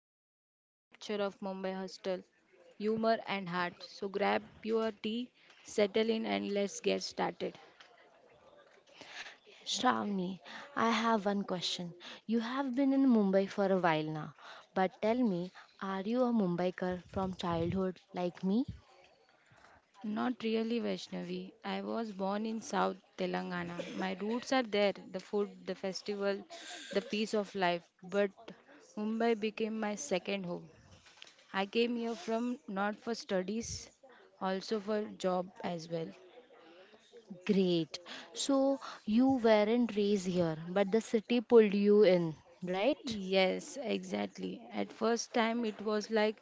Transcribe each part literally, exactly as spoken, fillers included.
tales, the capture of Mumbai hostel, humor and heart. So grab your tea, settle in and let's get started. Shravani, I have one question. You have been in Mumbai for a while now, but tell me, are you a Mumbaikar from childhood like me? Not really, Vaishnavi. I was born in South Telangana. My roots are there, the food, the festival, the peace of life. But Mumbai became my second home. I came here from not for studies, also for job as well. Great. So you weren't raised here, but the city pulled you in, right? Yes, exactly. At first time, it was like,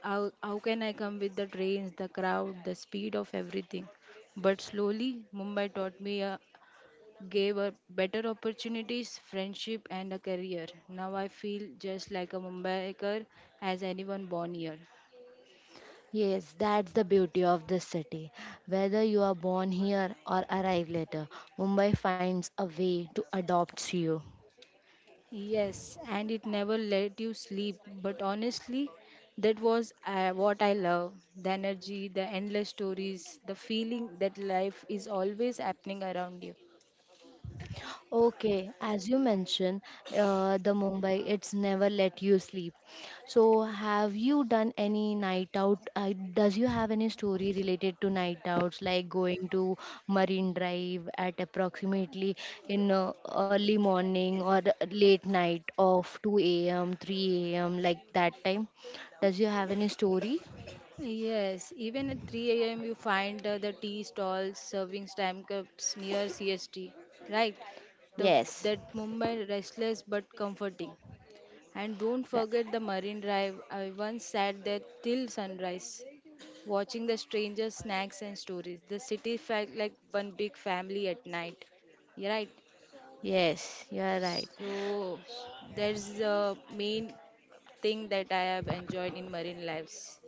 how, how can I come with the trains, the crowd, the speed of everything? But slowly, Mumbai taught me, a, gave a better opportunities, friendship, and a career. Now I feel just like a Mumbaiker as anyone born here. Yes, that's the beauty of this city. Whether you are born here or arrive later, Mumbai finds a way to adopt you. Yes, and it never let you sleep. But honestly, that was uh, what I love, the energy, the endless stories, the feeling that life is always happening around you. Okay, as you mentioned, uh, the Mumbai, it's never let you sleep. So, have you done any night out? Uh, does you have any story related to night outs, like going to Marine Drive at approximately in uh, early morning or late night of two a m, three a m, like that time? Does you have any story? Yes, even at three a m, you find uh, the tea stalls serving stamp cups near C S T, right? The, Yes. that Mumbai restless but comforting. And don't That, forget the marine drive. I once sat there till sunrise, watching the strangers' snacks and stories. The city felt like one big family at night. Yeah. Right. yes, you are right. So that's the main thing that I have enjoyed in marine lives.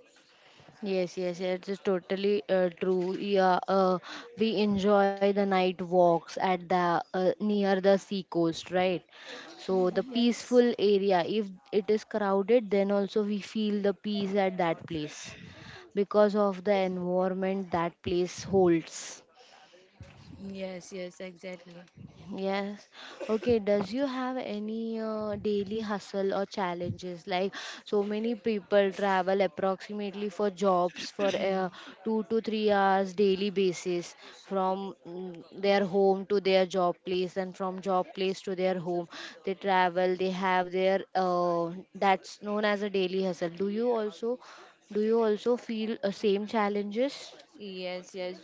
Yes, yes, yes, it's totally uh, true. Yeah, uh, we enjoy the night walks at the uh, near the sea coast, right? So the Yes. peaceful area. If it is crowded, then also we feel the peace at that place because of the environment that place holds. Yes, yes, exactly. Yes. Okay. Does you have any uh, daily hustle or challenges? Like so many people travel approximately for jobs for uh, two to three hours daily basis from mm, their home to their job place and from job place to their home. They travel. They have their uh, that's known as a daily hustle. Do you also do you also feel uh, same challenges? Yes, yes.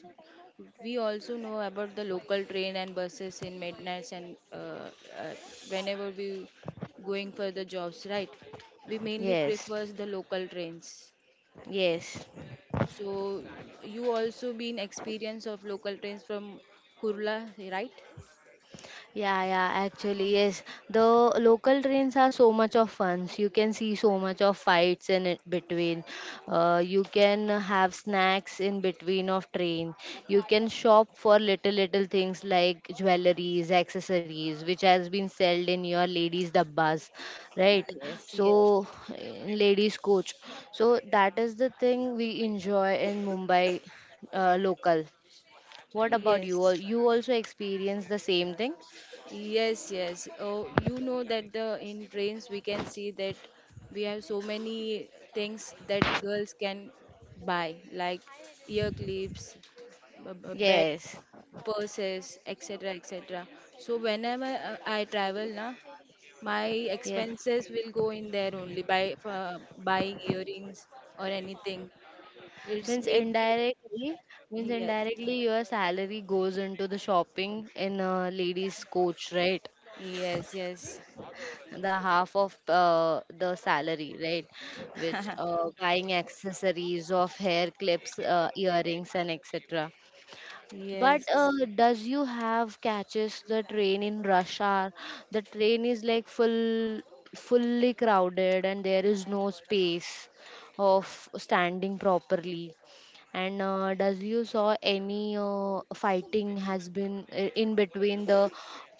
We also know about the local train and buses in midnights and uh, uh, whenever we going for the jobs, right? We mainly Yes. prefers the local trains. Yes. So you also been experience of local trains from Kurla, right? Yeah, yeah, actually, yes. The local trains are so much of fun. You can see so much of fights in it between. Uh, you can have snacks in between of train. You can shop for little little things like jewelries, accessories, which has been sold in your ladies' dabbas, right? Yes, yes, So, in ladies' coach. So that is the thing we enjoy in Mumbai uh, local. What about you? yes. Al- You also experience the same thing? Yes, yes. Oh, you know that the in trains we can see that we have so many things that girls can buy, like ear clips, b- b- bed, Yes, purses, et cetera, et cetera. So whenever uh, I travel, na, my yes. expenses will go in there only by for buying earrings or anything. It's Means mainly indirectly, means yes, indirectly your salary goes into the shopping in a lady's coach, right? yes, yes, The half of uh, the salary, right? Which uh, buying accessories of hair clips, uh, earrings, and et cetera. But yes. uh, does you have catches the train in rush hour? The train is like full, fully crowded, and there is no space of standing properly. And uh, does you saw any uh, fighting has been uh, in between the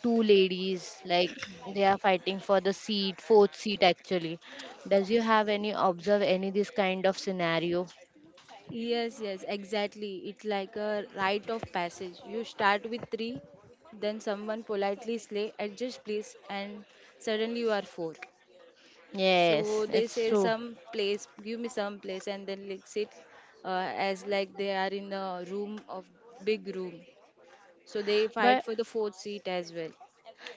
two ladies? Like they are fighting for the seat, fourth seat actually. Does you have any observe any this kind of scenario? Yes, yes, exactly. It's like a rite of passage. You start with three, then someone politely say, adjust please, and suddenly you are four. Yes, So they it's say true. some place, give me some place, and then like sit uh, as like they are in a room of big room. So they fight But for the fourth seat as well.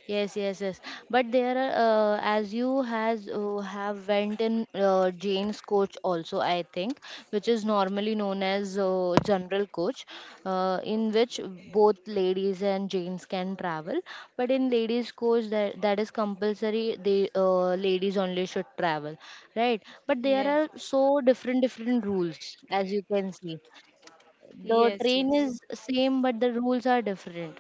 yes, yes, yes. But there are, uh, as you has uh, have went in uh, Jane's coach also, I think, which is normally known as uh, general coach, uh, in which both ladies and Janes can travel. But in ladies coach, that that is compulsory. The uh, ladies only should travel, right? But there are Yes, so different different rules, as you can see the yes, train yes. is same but the rules are different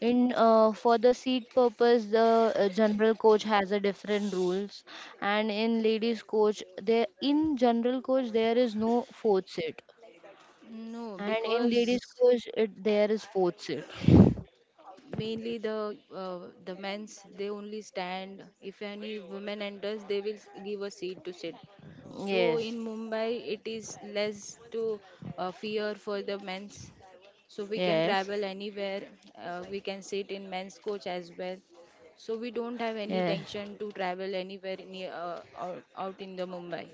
in uh, for the seat purpose the uh, general coach has a different rules and in ladies coach there in general coach there is no fourth seat No, and in ladies because coach it, there is fourth seat mainly the uh, the men's they only stand. If any woman enters they will give a seat to sit. So yes in Mumbai it is less to uh, fear for the men's, so we can yes travel anywhere. Uh, we can sit in men's coach as well, so we don't have any yeah. tension to travel anywhere near uh, out, out in the Mumbai.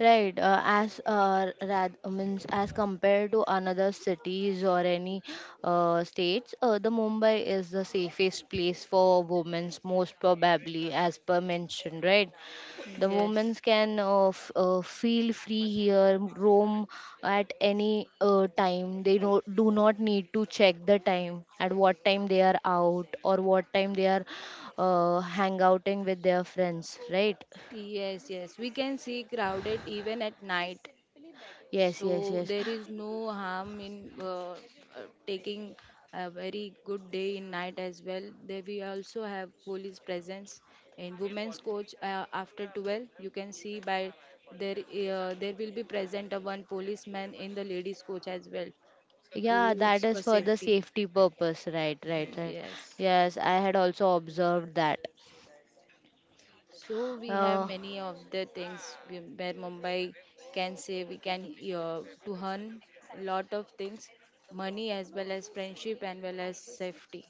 Right, uh, as uh, rad, uh, means as compared to another cities or any uh, states, uh, the Mumbai is the safest place for women's most probably, as per mentioned, right? The women Yes. can uh, f- uh, feel free here, roam at any uh, time. They do do not need to check the time at what time they are out or what time they are uh, hangouting with their friends, right? Yes, yes, we can see crowded even at night. Yes, So yes, yes. there is no harm in uh, uh, taking a very good day in night as well. There we also have police presence in women's coach uh, after twelve. You can see by there uh, there will be present a one policeman in the ladies coach as well to Yeah, that is for for the safety. safety purpose. Right, right, right. Yes. Yes, I had also observed that. So we have Uh, many of the things we- where Mumbai can say we can uh, to earn a lot of things, money as well as friendship and well as safety.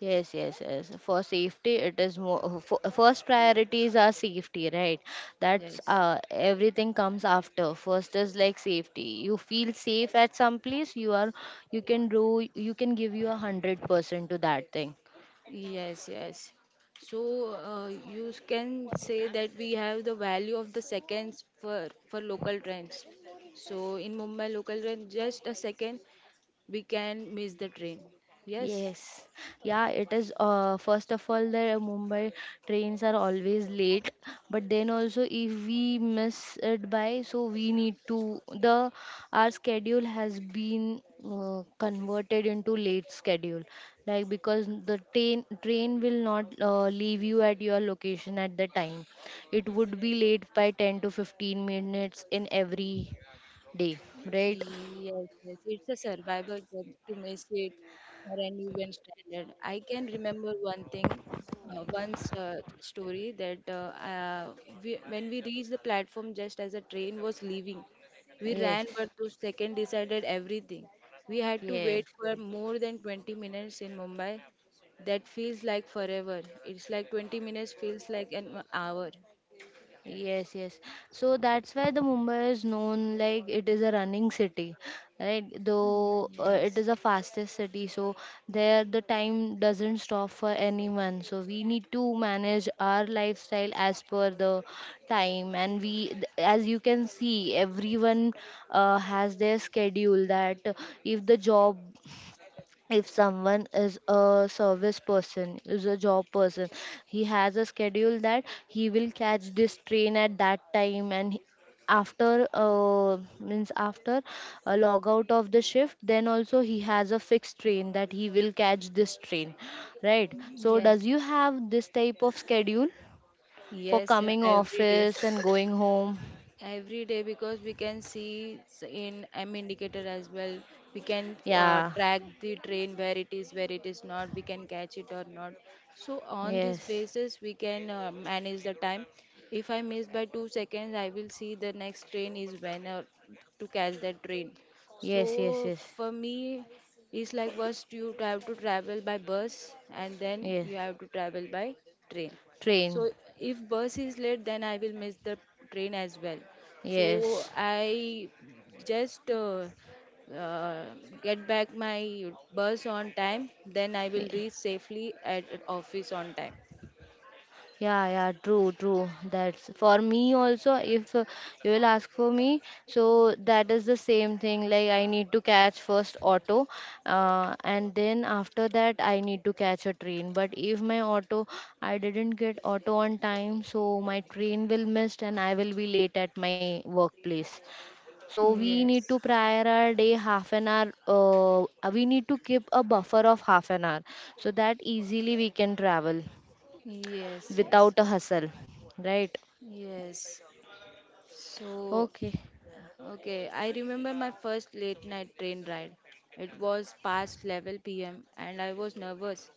yes, yes, yes. For safety, it is more. For, first priorities are safety, right? That's Yes, uh, everything comes after. First is like safety. You feel safe at some place, you are, you can do, you can give you a hundred percent to that thing. yes, yes. So uh, you can say that we have the value of the seconds for for local trains. So in Mumbai local train, just a second we can miss the train. Yes, Yes, yeah, it is. Uh, first of all, the Mumbai trains are always late, but then also if we miss it by, so we need to the our schedule has been uh, converted into late schedule, like because the train train will not uh, leave you at your location at the time. It would be late by ten to fifteen minutes in every day, right? yes, yes. It's a survival job to miss it or an even standard. I can remember one thing, uh, once uh, story that uh, uh, we, when we reached the platform just as the train was leaving, we ran, Yes, but those second decided everything. We had to yes. wait for more than twenty minutes in Mumbai. That feels like forever. It's like twenty minutes feels like an hour. Yes, yes. So that's why the Mumbai is known like it is a running city, right? Mm. Though uh, it Yes, is a fastest city, so there the time doesn't stop for anyone. So we need to manage our lifestyle as per the time, and we, th- as you can see, everyone uh, has their schedule that if the job if someone is a service person is a job person he has a schedule that he will catch this train at that time and he- after uh, means after a log out of the shift then also he has a fixed train that he will catch this train right mm, so yes, does you have this type of schedule for yes. uh, coming Every day. office and going home Every day, because we can see s- in m indicator as well. We can uh, yeah track the train where it is, where it is not, we can catch it or not. So on this yes basis we can uh, manage the time. If I miss by two seconds I will see the next train is when, or to catch that train. So yes yes yes for me, it's like first you have to travel by bus and then yes you have to travel by train. train So if bus is late, then I will miss the train as well. So yes. I just uh, uh, get back my bus on time. Then I will Yeah. reach safely at at office on time. Yeah, yeah, true, true. That's for me also. If uh, you will ask for me, so that is the same thing. Like, I need to catch first auto, uh, and then after that, I need to catch a train. But if my auto, I didn't get auto on time, so my train will missed and I will be late at my workplace. So we need Yes. to prior our day half an hour. Uh, we need to keep a buffer of half an hour so that easily we can travel Yes, yes. without a hustle, right? Yes. So Okay. okay, I remember my first late night train ride. It was past eleven p m and I was nervous.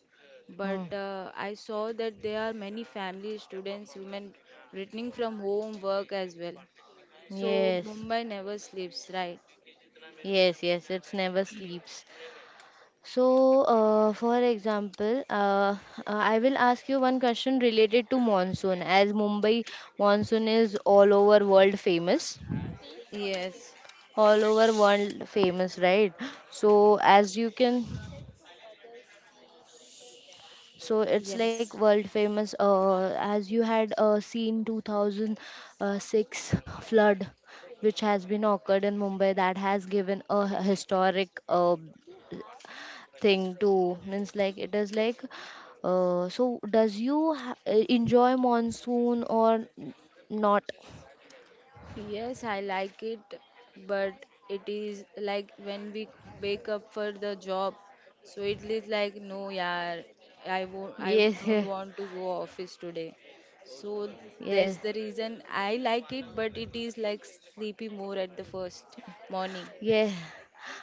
Hmm. But uh, I saw that there are many families, students, women returning from home, work as well. So Yes. Mumbai never sleeps, right? Yes, yes, it's never sleeps. So, uh, for example, uh, uh, I will ask you one question related to monsoon. As Mumbai monsoon is all over world famous, Yes, all over world famous, right? So, as you can so it's like yes. world famous. Uh, as you had uh, seen two thousand six flood, which has been occurred in Mumbai, that has given a historic uh, thing too. Means like it is like. Uh, so does you ha- enjoy monsoon or n- not? Yes, I like it, but it is like when we wake up for the job, so it is like no, yeah, I won't, I Yes, don't yes, want to go office today. So that's yes. the reason I like it, but it is like sleepy more at the first morning. Yes.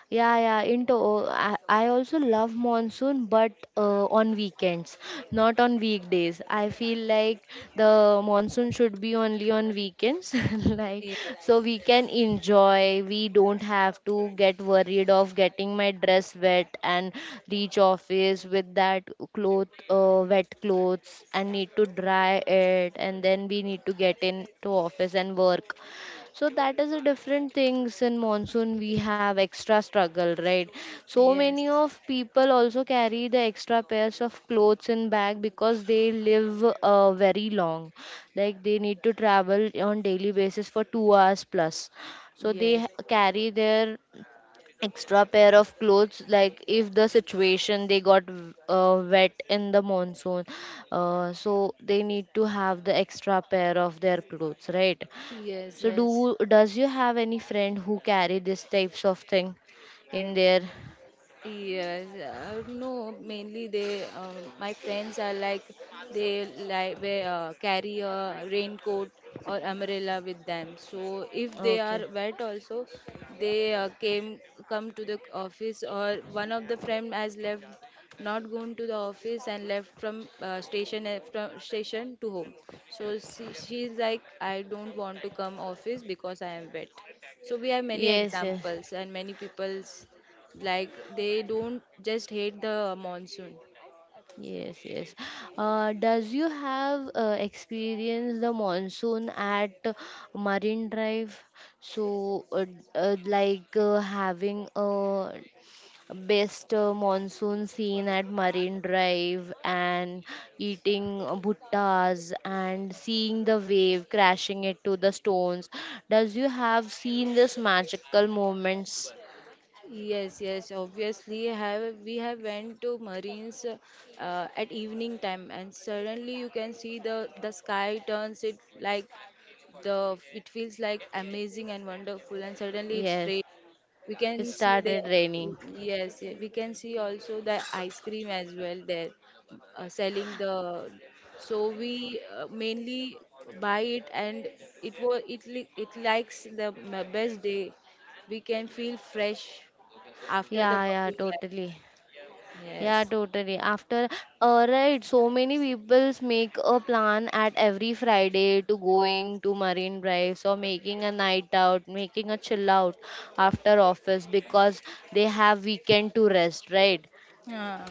Yeah, yeah, into oh, I, I also love monsoon, but uh, on weekends, not on weekdays. I feel like the monsoon should be only on weekends, like Ye- so we can enjoy. We don't have to get worried of getting my dress wet and reach office with that cloth, uh, wet clothes, and need to dry it, and then we need to get into office and work so that is a different things in monsoon we have extra struggle right so yes, many of people also carry the extra pairs of clothes in bag because they live uh, very long like they need to travel on daily basis for two hours plus so they ha- yes, carry their extra pair of clothes like if the situation they got w- uh, wet in the monsoon uh, so they need to have the extra pair of their clothes right yes, so do yes. does you have any friend who carry these types of thing in their Yes, uh, no, mainly they, uh, my friends are like, they like wear, uh, carry a raincoat or umbrella with them. So if they okay. are wet also, they uh, came come to the office, or one of the friend has left, not gone to the office and left from uh, station uh, from station to home. So she, she's like, I don't want to come office because I am wet. So we have many Yes, yes. examples and many people's like they don't just hate the monsoon. Yes, yes. Uh, does you have uh, experienced the monsoon at Marine Drive? So, uh, d- uh, like uh, having a best uh, monsoon scene at Marine Drive and eating uh, bhuttas and seeing the wave crashing it to the stones. Does you have seen this magical moments? Yes, yes, obviously have we have went to marines uh, at evening time and suddenly you can see the the sky turns it like the it feels like amazing and wonderful and suddenly it's Yes, rain. We it can see the started raining. yes, yeah, we can see also the ice cream as well there uh, selling the. So we uh, mainly buy it and it was it li- it likes the m- best day. We can feel fresh after the Yeah, yeah, working totally. life. Yeah, Yes. totally. After, alright, so many peoples make a plan at every Friday to going to Marine Drive or making a night out, making a chill out after office because they have weekend to rest, right? Ah,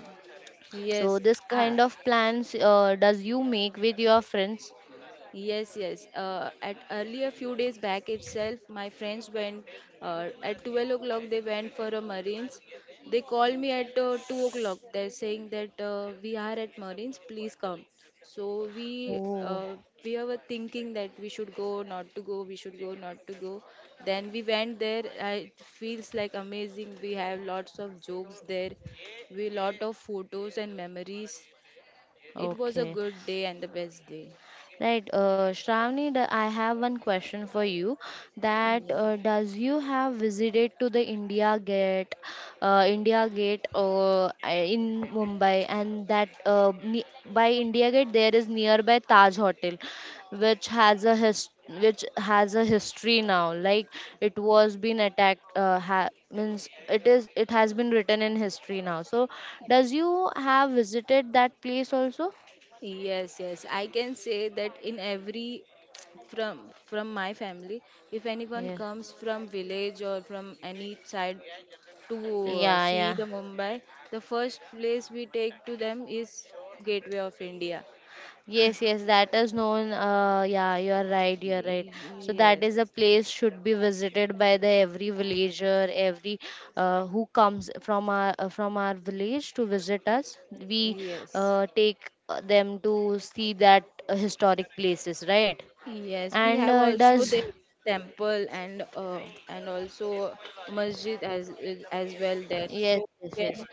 So yes. this uh, kind of plans uh, does you make with your friends? Yes, yes. Uh, at earlier few days back itself, my friends went uh, at twelve o'clock. They went for a Marines. They called me at uh, two o'clock. They're saying that uh, we are at Marines. Please come. So we Oh, uh, we were thinking that we should go, not to go. We should go, not to go. Then we went there. I, it feels like amazing. We have lots of jokes there. We lot of photos and memories. It was a okay. good day and the best day. Right, uh, Shravani, the- I have one question for you. That Yeah. uh, does you have visited to the India Gate, uh, India Gate, uh, in Mumbai, and that uh, ne- by India Gate there is nearby Taj Hotel, which has a his- which has a history now. Like it was been attacked, uh, ha- means it is it has been written in history now. So, does you have visited that place also? Yes, yes. I can say that in every from from my family, if anyone Yeah, comes from village or from any side to uh, yeah, see yeah. the Mumbai, the first place we take to them is Gateway of India. Yes, yes, that is known. Uh, yeah, you are right. You are right. So that Yes, is a place should be visited by the every villager, every uh, who comes from our uh, from our village to visit us. We yes, uh, take uh, them to see that uh, historic places, right? yes. We And have uh, also does the temple and uh, and also masjid as as well there. yes, So we yes, can yes,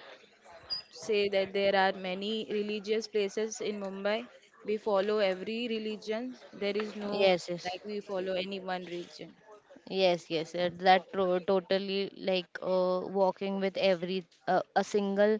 say that there are many religious places in Mumbai. We follow every religion. There is no yes, yes. like we follow any one religion. Yes, yes, uh, that tro- totally like uh, walking with every uh, a single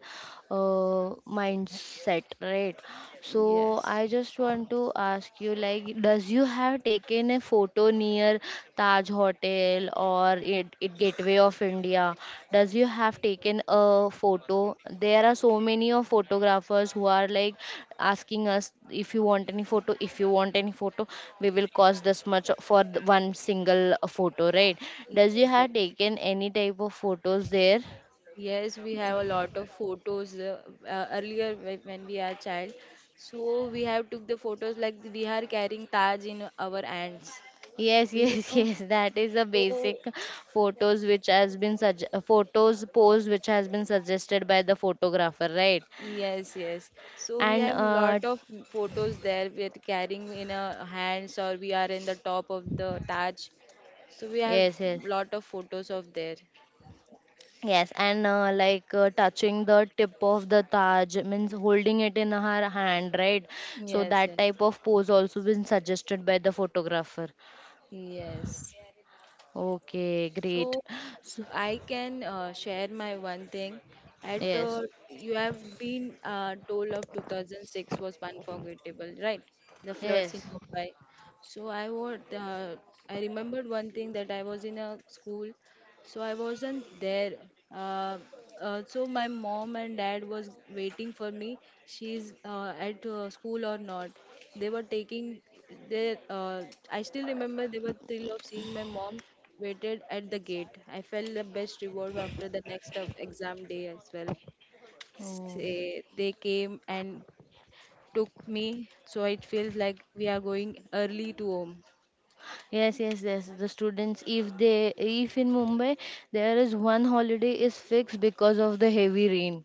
uh, mindset, right? So Yes. I just want to ask you, like, does you have taken a photo near Taj Hotel or it, it way of India. Does you have taken a photo? There are so many of photographers who are like asking us if you want any photo, if you want any photo, we will cost this much for the one single photo, right? Does you Yes, have yes. taken any type of photos there? Yes, we have a lot of photos uh, uh, earlier whe- when we are child. So we have took the photos like we are carrying Taj in our hands. Yes, Do you yes, know? yes. That is the So basic photos which has been such photos pose which has been suggested by the photographer, right? yes, yes. So we And have uh, lot of photos there with carrying in our hands or we are in the top of the Taj. So we have yes, yes. lot of photos of there. Yes, and uh, like uh, touching the tip of the Taj means holding it in her hand, right? So Yes, that yes. type of pose also been suggested by the photographer. Yes. Okay, great. So So, I can uh, share my one thing. At yes, uh, you have been uh, told of two thousand six was unforgettable, right? The floods in yes. Mumbai. So I would uh, I remembered one thing that I was in a school, so I wasn't there. uh, uh, so my mom and dad was waiting for me, she's uh, at uh, school or not. They were taking their uh, I still remember they were thrill of seeing my mom waited at the gate. I felt the best reward after the next of exam day as well. Oh. Say they came and took me, so it feels like we are going early to home. Yes, yes, yes. The students, if they, if in Mumbai there is one holiday is fixed because of the heavy rain.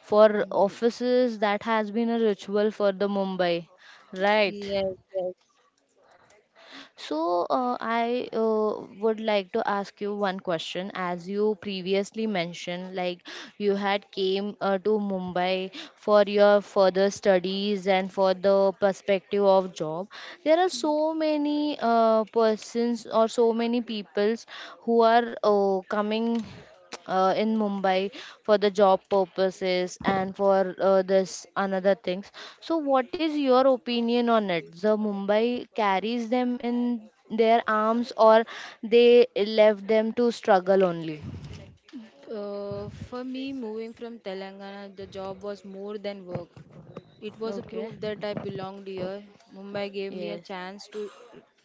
For Yes, offices, that has been a ritual for the Mumbai, right? yes, yes. So, uh, I uh, would like to ask you one question. As you previously mentioned, like you had came uh, to Mumbai for your further studies and for the perspective of job. There are so many uh, persons or so many peoples who are uh, coming uh, in Mumbai for the job purposes and for uh, this another things. So, what is your opinion on it? The Mumbai carries them in their arms, or they left them to struggle only? Uh, for me, moving from Telangana, the job was more than work. It was a Okay. proof that I belonged here. Mumbai gave me a Yes. chance to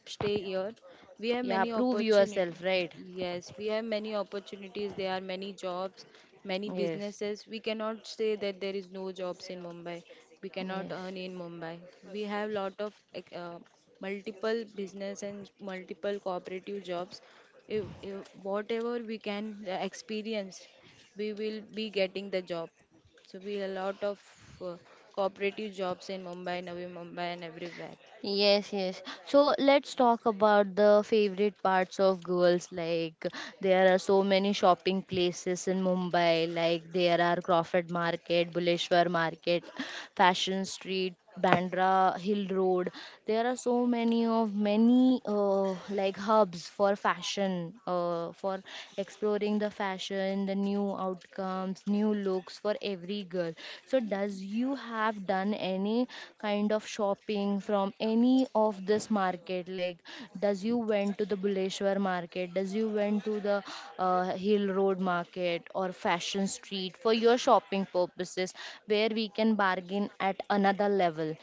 stay here. We have Yeah. many Prove yourself, opportunities. right? Yes, we have many opportunities. There are many jobs, many Yes. businesses. We cannot say that there is no jobs in Mumbai. We cannot Yes. earn in Mumbai. We have lot of ec- uh, multiple business and multiple cooperative jobs. If, if whatever we can uh, experience, we will be getting the job. So we a lot of uh, cooperative jobs in Mumbai, Navi Mumbai, and everywhere. Yes, yes. So let's talk about the favorite parts of girls. Like there are so many shopping places in Mumbai. Like there are Crawford Market, Buleshwar Market, Fashion Street, Bandra Hill Road. There are so many of many uh, like hubs for fashion, uh, for exploring the fashion, the new outcomes, new looks for every girl. So, does you have done any kind of shopping from any of this market? Like, does you went to the Buleshwar market? Does you went to the uh, Hill Road market or Fashion Street for your shopping purposes, where we can bargain at another level?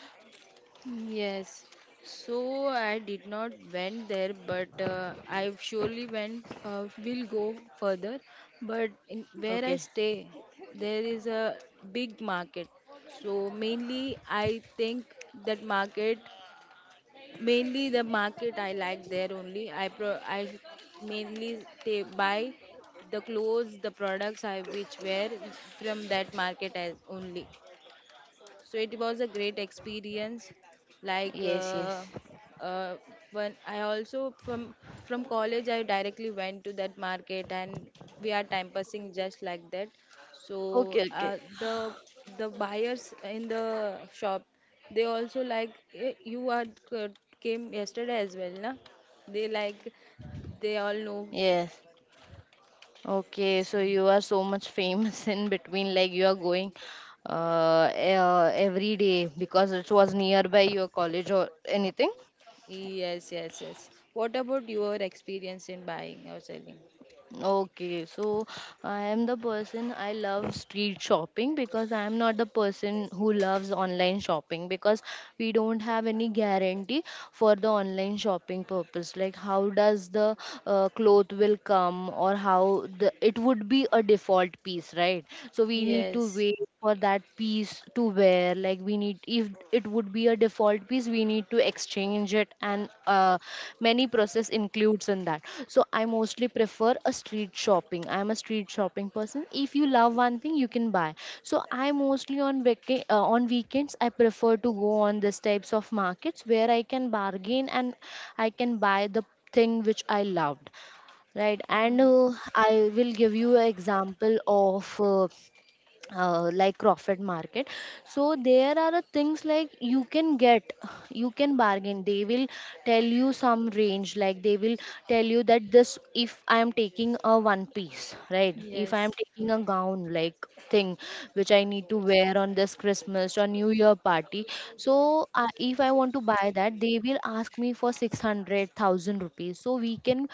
Yes. So I did not went there, but uh, I surely went. Uh, will go further, but in, where Okay. I stay, there is a big market. So mainly, I think that market mainly the market I like there only. I pro- I mainly ta- buy the clothes, the products I which wear from that market as only. So it was a great experience, like Yes, yes. uh, uh, when I also from from college I directly went to that market and we are time passing just like that. So Okay, Okay. uh, the the buyers in the shop, they also like, "Eh, you are c- came yesterday as well, na." They like, they all know. Yes. Okay, so you are so much famous in between, like you are going uh, uh every day because it was nearby your college or anything. Yes, yes, yes. What about your experience in buying or selling? Okay, so I am the person I love street shopping because I am not the person who loves online shopping because we don't have any guarantee for the online shopping purpose. Like how does the uh, cloth will come or how the it would be a default piece, right? So we need to Yes. wait for that piece to wear. Like we need if it would be a default piece we need to exchange it and uh, many process includes in that so I mostly prefer a street shopping. I am a street shopping person. If you love one thing you can buy. So I mostly on vaca- uh, on weekends I prefer to go on this types of markets where I can bargain and I can buy the thing which I loved, right? And uh, I will give you an example of uh, uh, like Crawford Market. So there are a things like you can get, you can bargain. They will tell you some range, like they will tell you that this if I am taking a one piece, right? If I Yes, am taking a gown like thing which I need to wear on this Christmas or New Year party. So uh, if I want to buy that, they will ask me for six hundred thousand rupees. So we can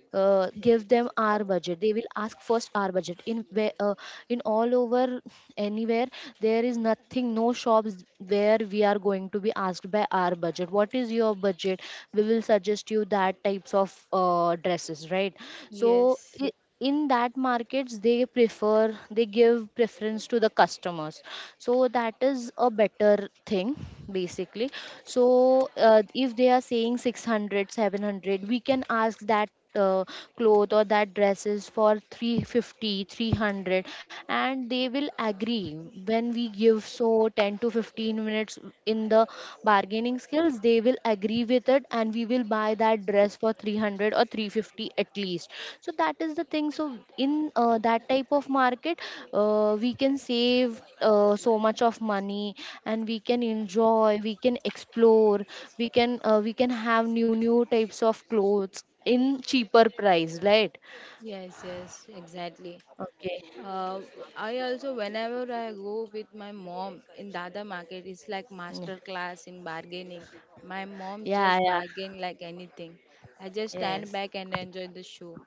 uh, give them our budget. They will ask first our budget in where uh, in all over anywhere there is nothing no shops where we are going to be asked by our budget. What is your budget? We will suggest you that types of uh, dresses, right? so yes, i- in that markets they prefer, they give preference to the customers, so that is a better thing basically. So uh, if they are saying six hundred, seven hundred, we can ask that uh, cloth or that dresses for 350 300 and they will agree when we give so ten to fifteen minutes in the bargaining skills. They will agree with it and we will buy that dress for three hundred or three fifty at least. So that is the thing. So in uh, that type of market uh, we can save uh, so much of money and we can enjoy, we can explore, we can uh, we can have new new types of clothes in cheaper price, right? yes, yes, exactly. Okay. Uh, I also, whenever I go with my mom in Dada market, it's like Mm. master class in bargaining. My mom Yeah, just yeah. bargain like anything. I just stand Yes. back and enjoy the show.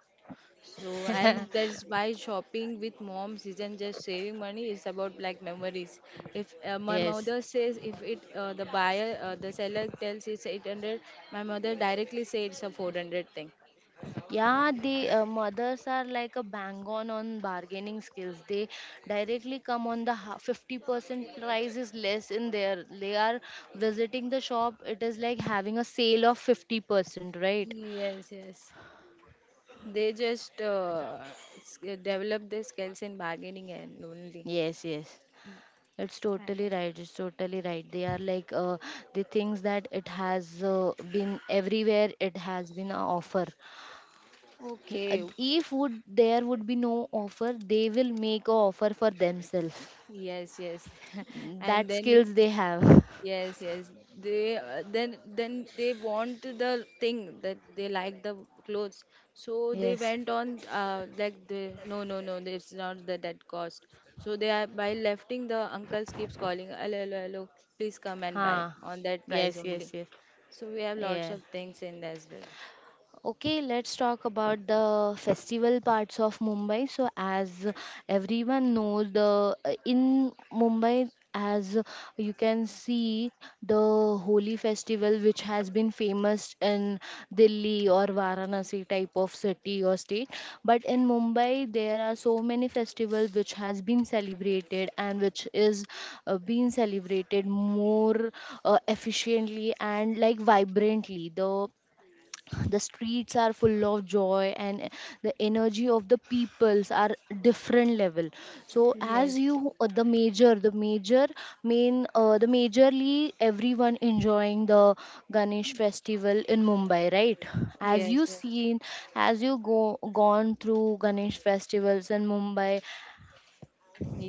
So, and that's why shopping with moms isn't just saving money, it's about like memories. If uh, my Yes. mother says, if it uh, the buyer, uh, the seller tells it's eight hundred, my mother directly says it's a four hundred thing. Yeah, the uh, mothers are like a bang on on bargaining skills. They directly come on the ha- fifty percent price is less in there. They are visiting the shop. It is like having a sale of fifty percent, right? Yes, yes. They just uh, s- develop their skills in bargaining and only. Yes, yes. Mm. It's totally right. It's totally right. They are like uh, the things that it has uh, been everywhere, it has been an offer. Uh, Okay. If would there would be no offer, they will make a offer for themselves. Yes, yes. And That then skills they have. yes, yes. They uh, then then they want the thing that they like, the clothes. So they Yes. went on uh, like the no no no it's not the that cost. So they are by lefting the uncles keeps calling hello hello hello please come and buy Huh. on that price Yes, yes, only. yes. So we have lots Yeah. of things in there as well. Okay, let's talk about the festival parts of Mumbai. So, as everyone knows, the in Mumbai, as you can see, the Holi festival, which has been famous in Delhi or Varanasi type of city or state, but in Mumbai, there are so many festivals which has been celebrated and which is uh, being celebrated more uh, efficiently and like vibrantly. The the streets are full of joy and the energy of the peoples are different level. So as Yes, you uh, the major the major main uh, the majorly everyone enjoying the ganesh festival in mumbai, right? As yes, you yes. seen, as you go gone through ganesh festivals in mumbai.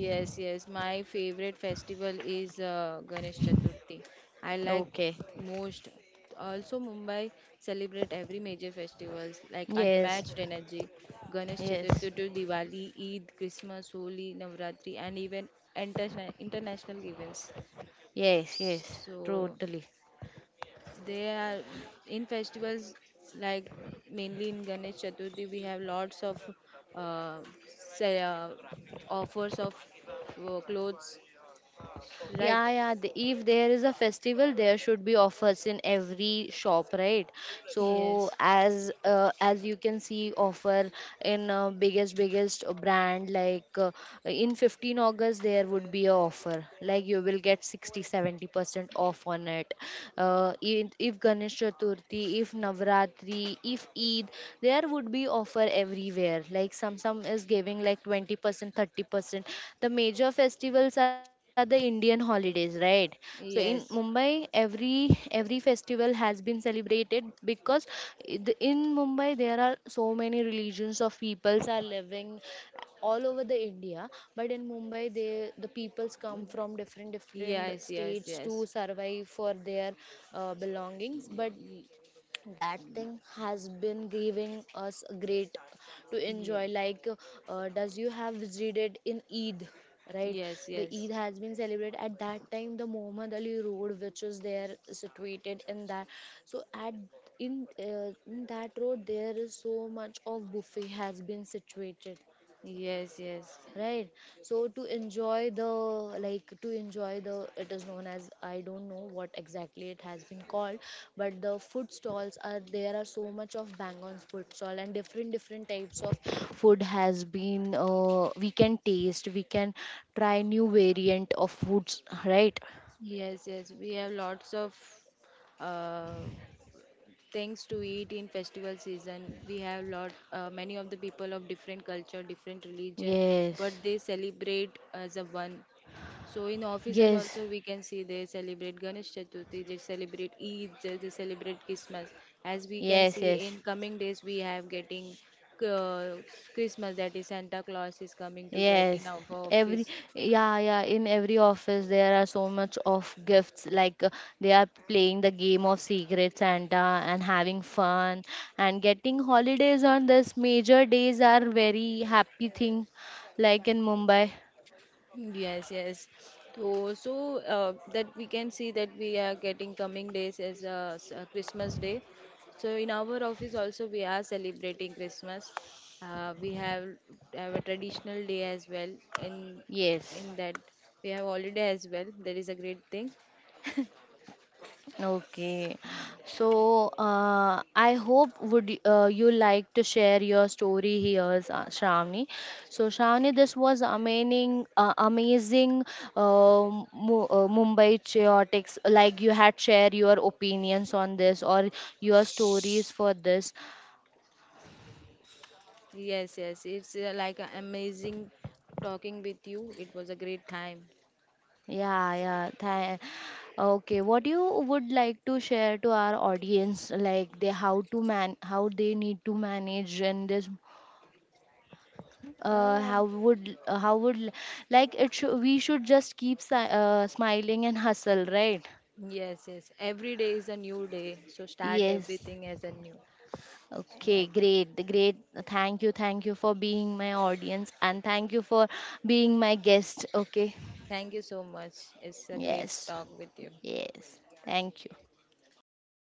Yes, yes. My favorite festival is uh, Ganesh Chaturthi. I like Okay. most. Also, Mumbai celebrate every major festivals like Yes, unmatched energy. Ganesh yes. Chaturthi to Diwali, Eid, Christmas, Holi, Navratri, and even interna- international events. Yes, yes, So totally. they are in festivals, like mainly in Ganesh Chaturthi we have lots of uh, say, uh, offers of uh, clothes, right? Yeah, yeah. th- If there is a festival, there should be offers in every shop, right? So Yes, as uh, as you can see, offer in uh, biggest biggest brand like uh, in fifteenth August there would be a offer like you will get sixty seventy percent off on it. Uh, in- if Ganesh Chaturthi, if Navratri, if Eid, there would be offer everywhere. Like some some some is giving like twenty percent thirty percent. The major festivals are the indian holidays, right? So in mumbai yes, every every festival has been celebrated because i- the- in mumbai there are so many religions of peoples are living all over the india. But in mumbai they the peoples come from different different yes, yes, states to yes. survive for their uh, belongings. But Y- that thing has been giving us a great to enjoy, ye- like uh, does you have visited in eid, right? yes, The eid yes, has been celebrated at that time the muhammad ali road which is there situated in that. So at in, uh, in that road there is so much of buffet has been situated, yes, yes, right? So to enjoy the, like to enjoy the, it is known as I don't know what exactly it has been called. But the food stalls are there, are so much of bangon's food stall and different different types of food has been uh, we can taste, we can try new variant of foods, right? yes, yes, we have lots of uh, things to eat in festival season. We have lot uh, many of the people of different culture different religion but Yes, they celebrate as a one. So in offices yes, also we can see they celebrate Ganesh Chaturthi, they celebrate Eid, they they celebrate Christmas. As we can yes, see yes. in coming days we have getting uh, Christmas, that is Santa Claus is coming to get in Yes, our every office. yeah yeah in every office there are so much of gifts like uh, they are playing the game of Secret Santa and having fun, and getting holidays on this major days are very happy thing like in Mumbai. Yes, yes. So, so uh, that we can see that we are getting coming days as uh, s- uh, Christmas Day. So in our office also we are celebrating Christmas. Uh, we have have a traditional day as well. In Yes. in that we have holiday as well. That is a great thing. Okay, so uh, I hope would y- uh, you like to share your story here, Sa- Shravani. So Shravani, this was amazing, uh, amazing um Mu- uh, Mumbai chaotics. Like you had shared your opinions on this or your stories for this. Yes, yes. It's uh, like a amazing talking with you. It was a great time. Yeah, yeah. Tha- okay, what you would like to share to our audience, like they how to man how they need to manage in this uh, Uh, how would uh, how would l- like it should we should just keep si- uh, smiling and hustle, right? yes, yes. Every day is a new day. So start Yes. everything as a new. So Okay, I. great, great. Thank you, thank you for being my audience, and thank you for being my guest. Okay. Thank you so much. It's a great Yes. talk with you. Yes. Thank you. Thank you.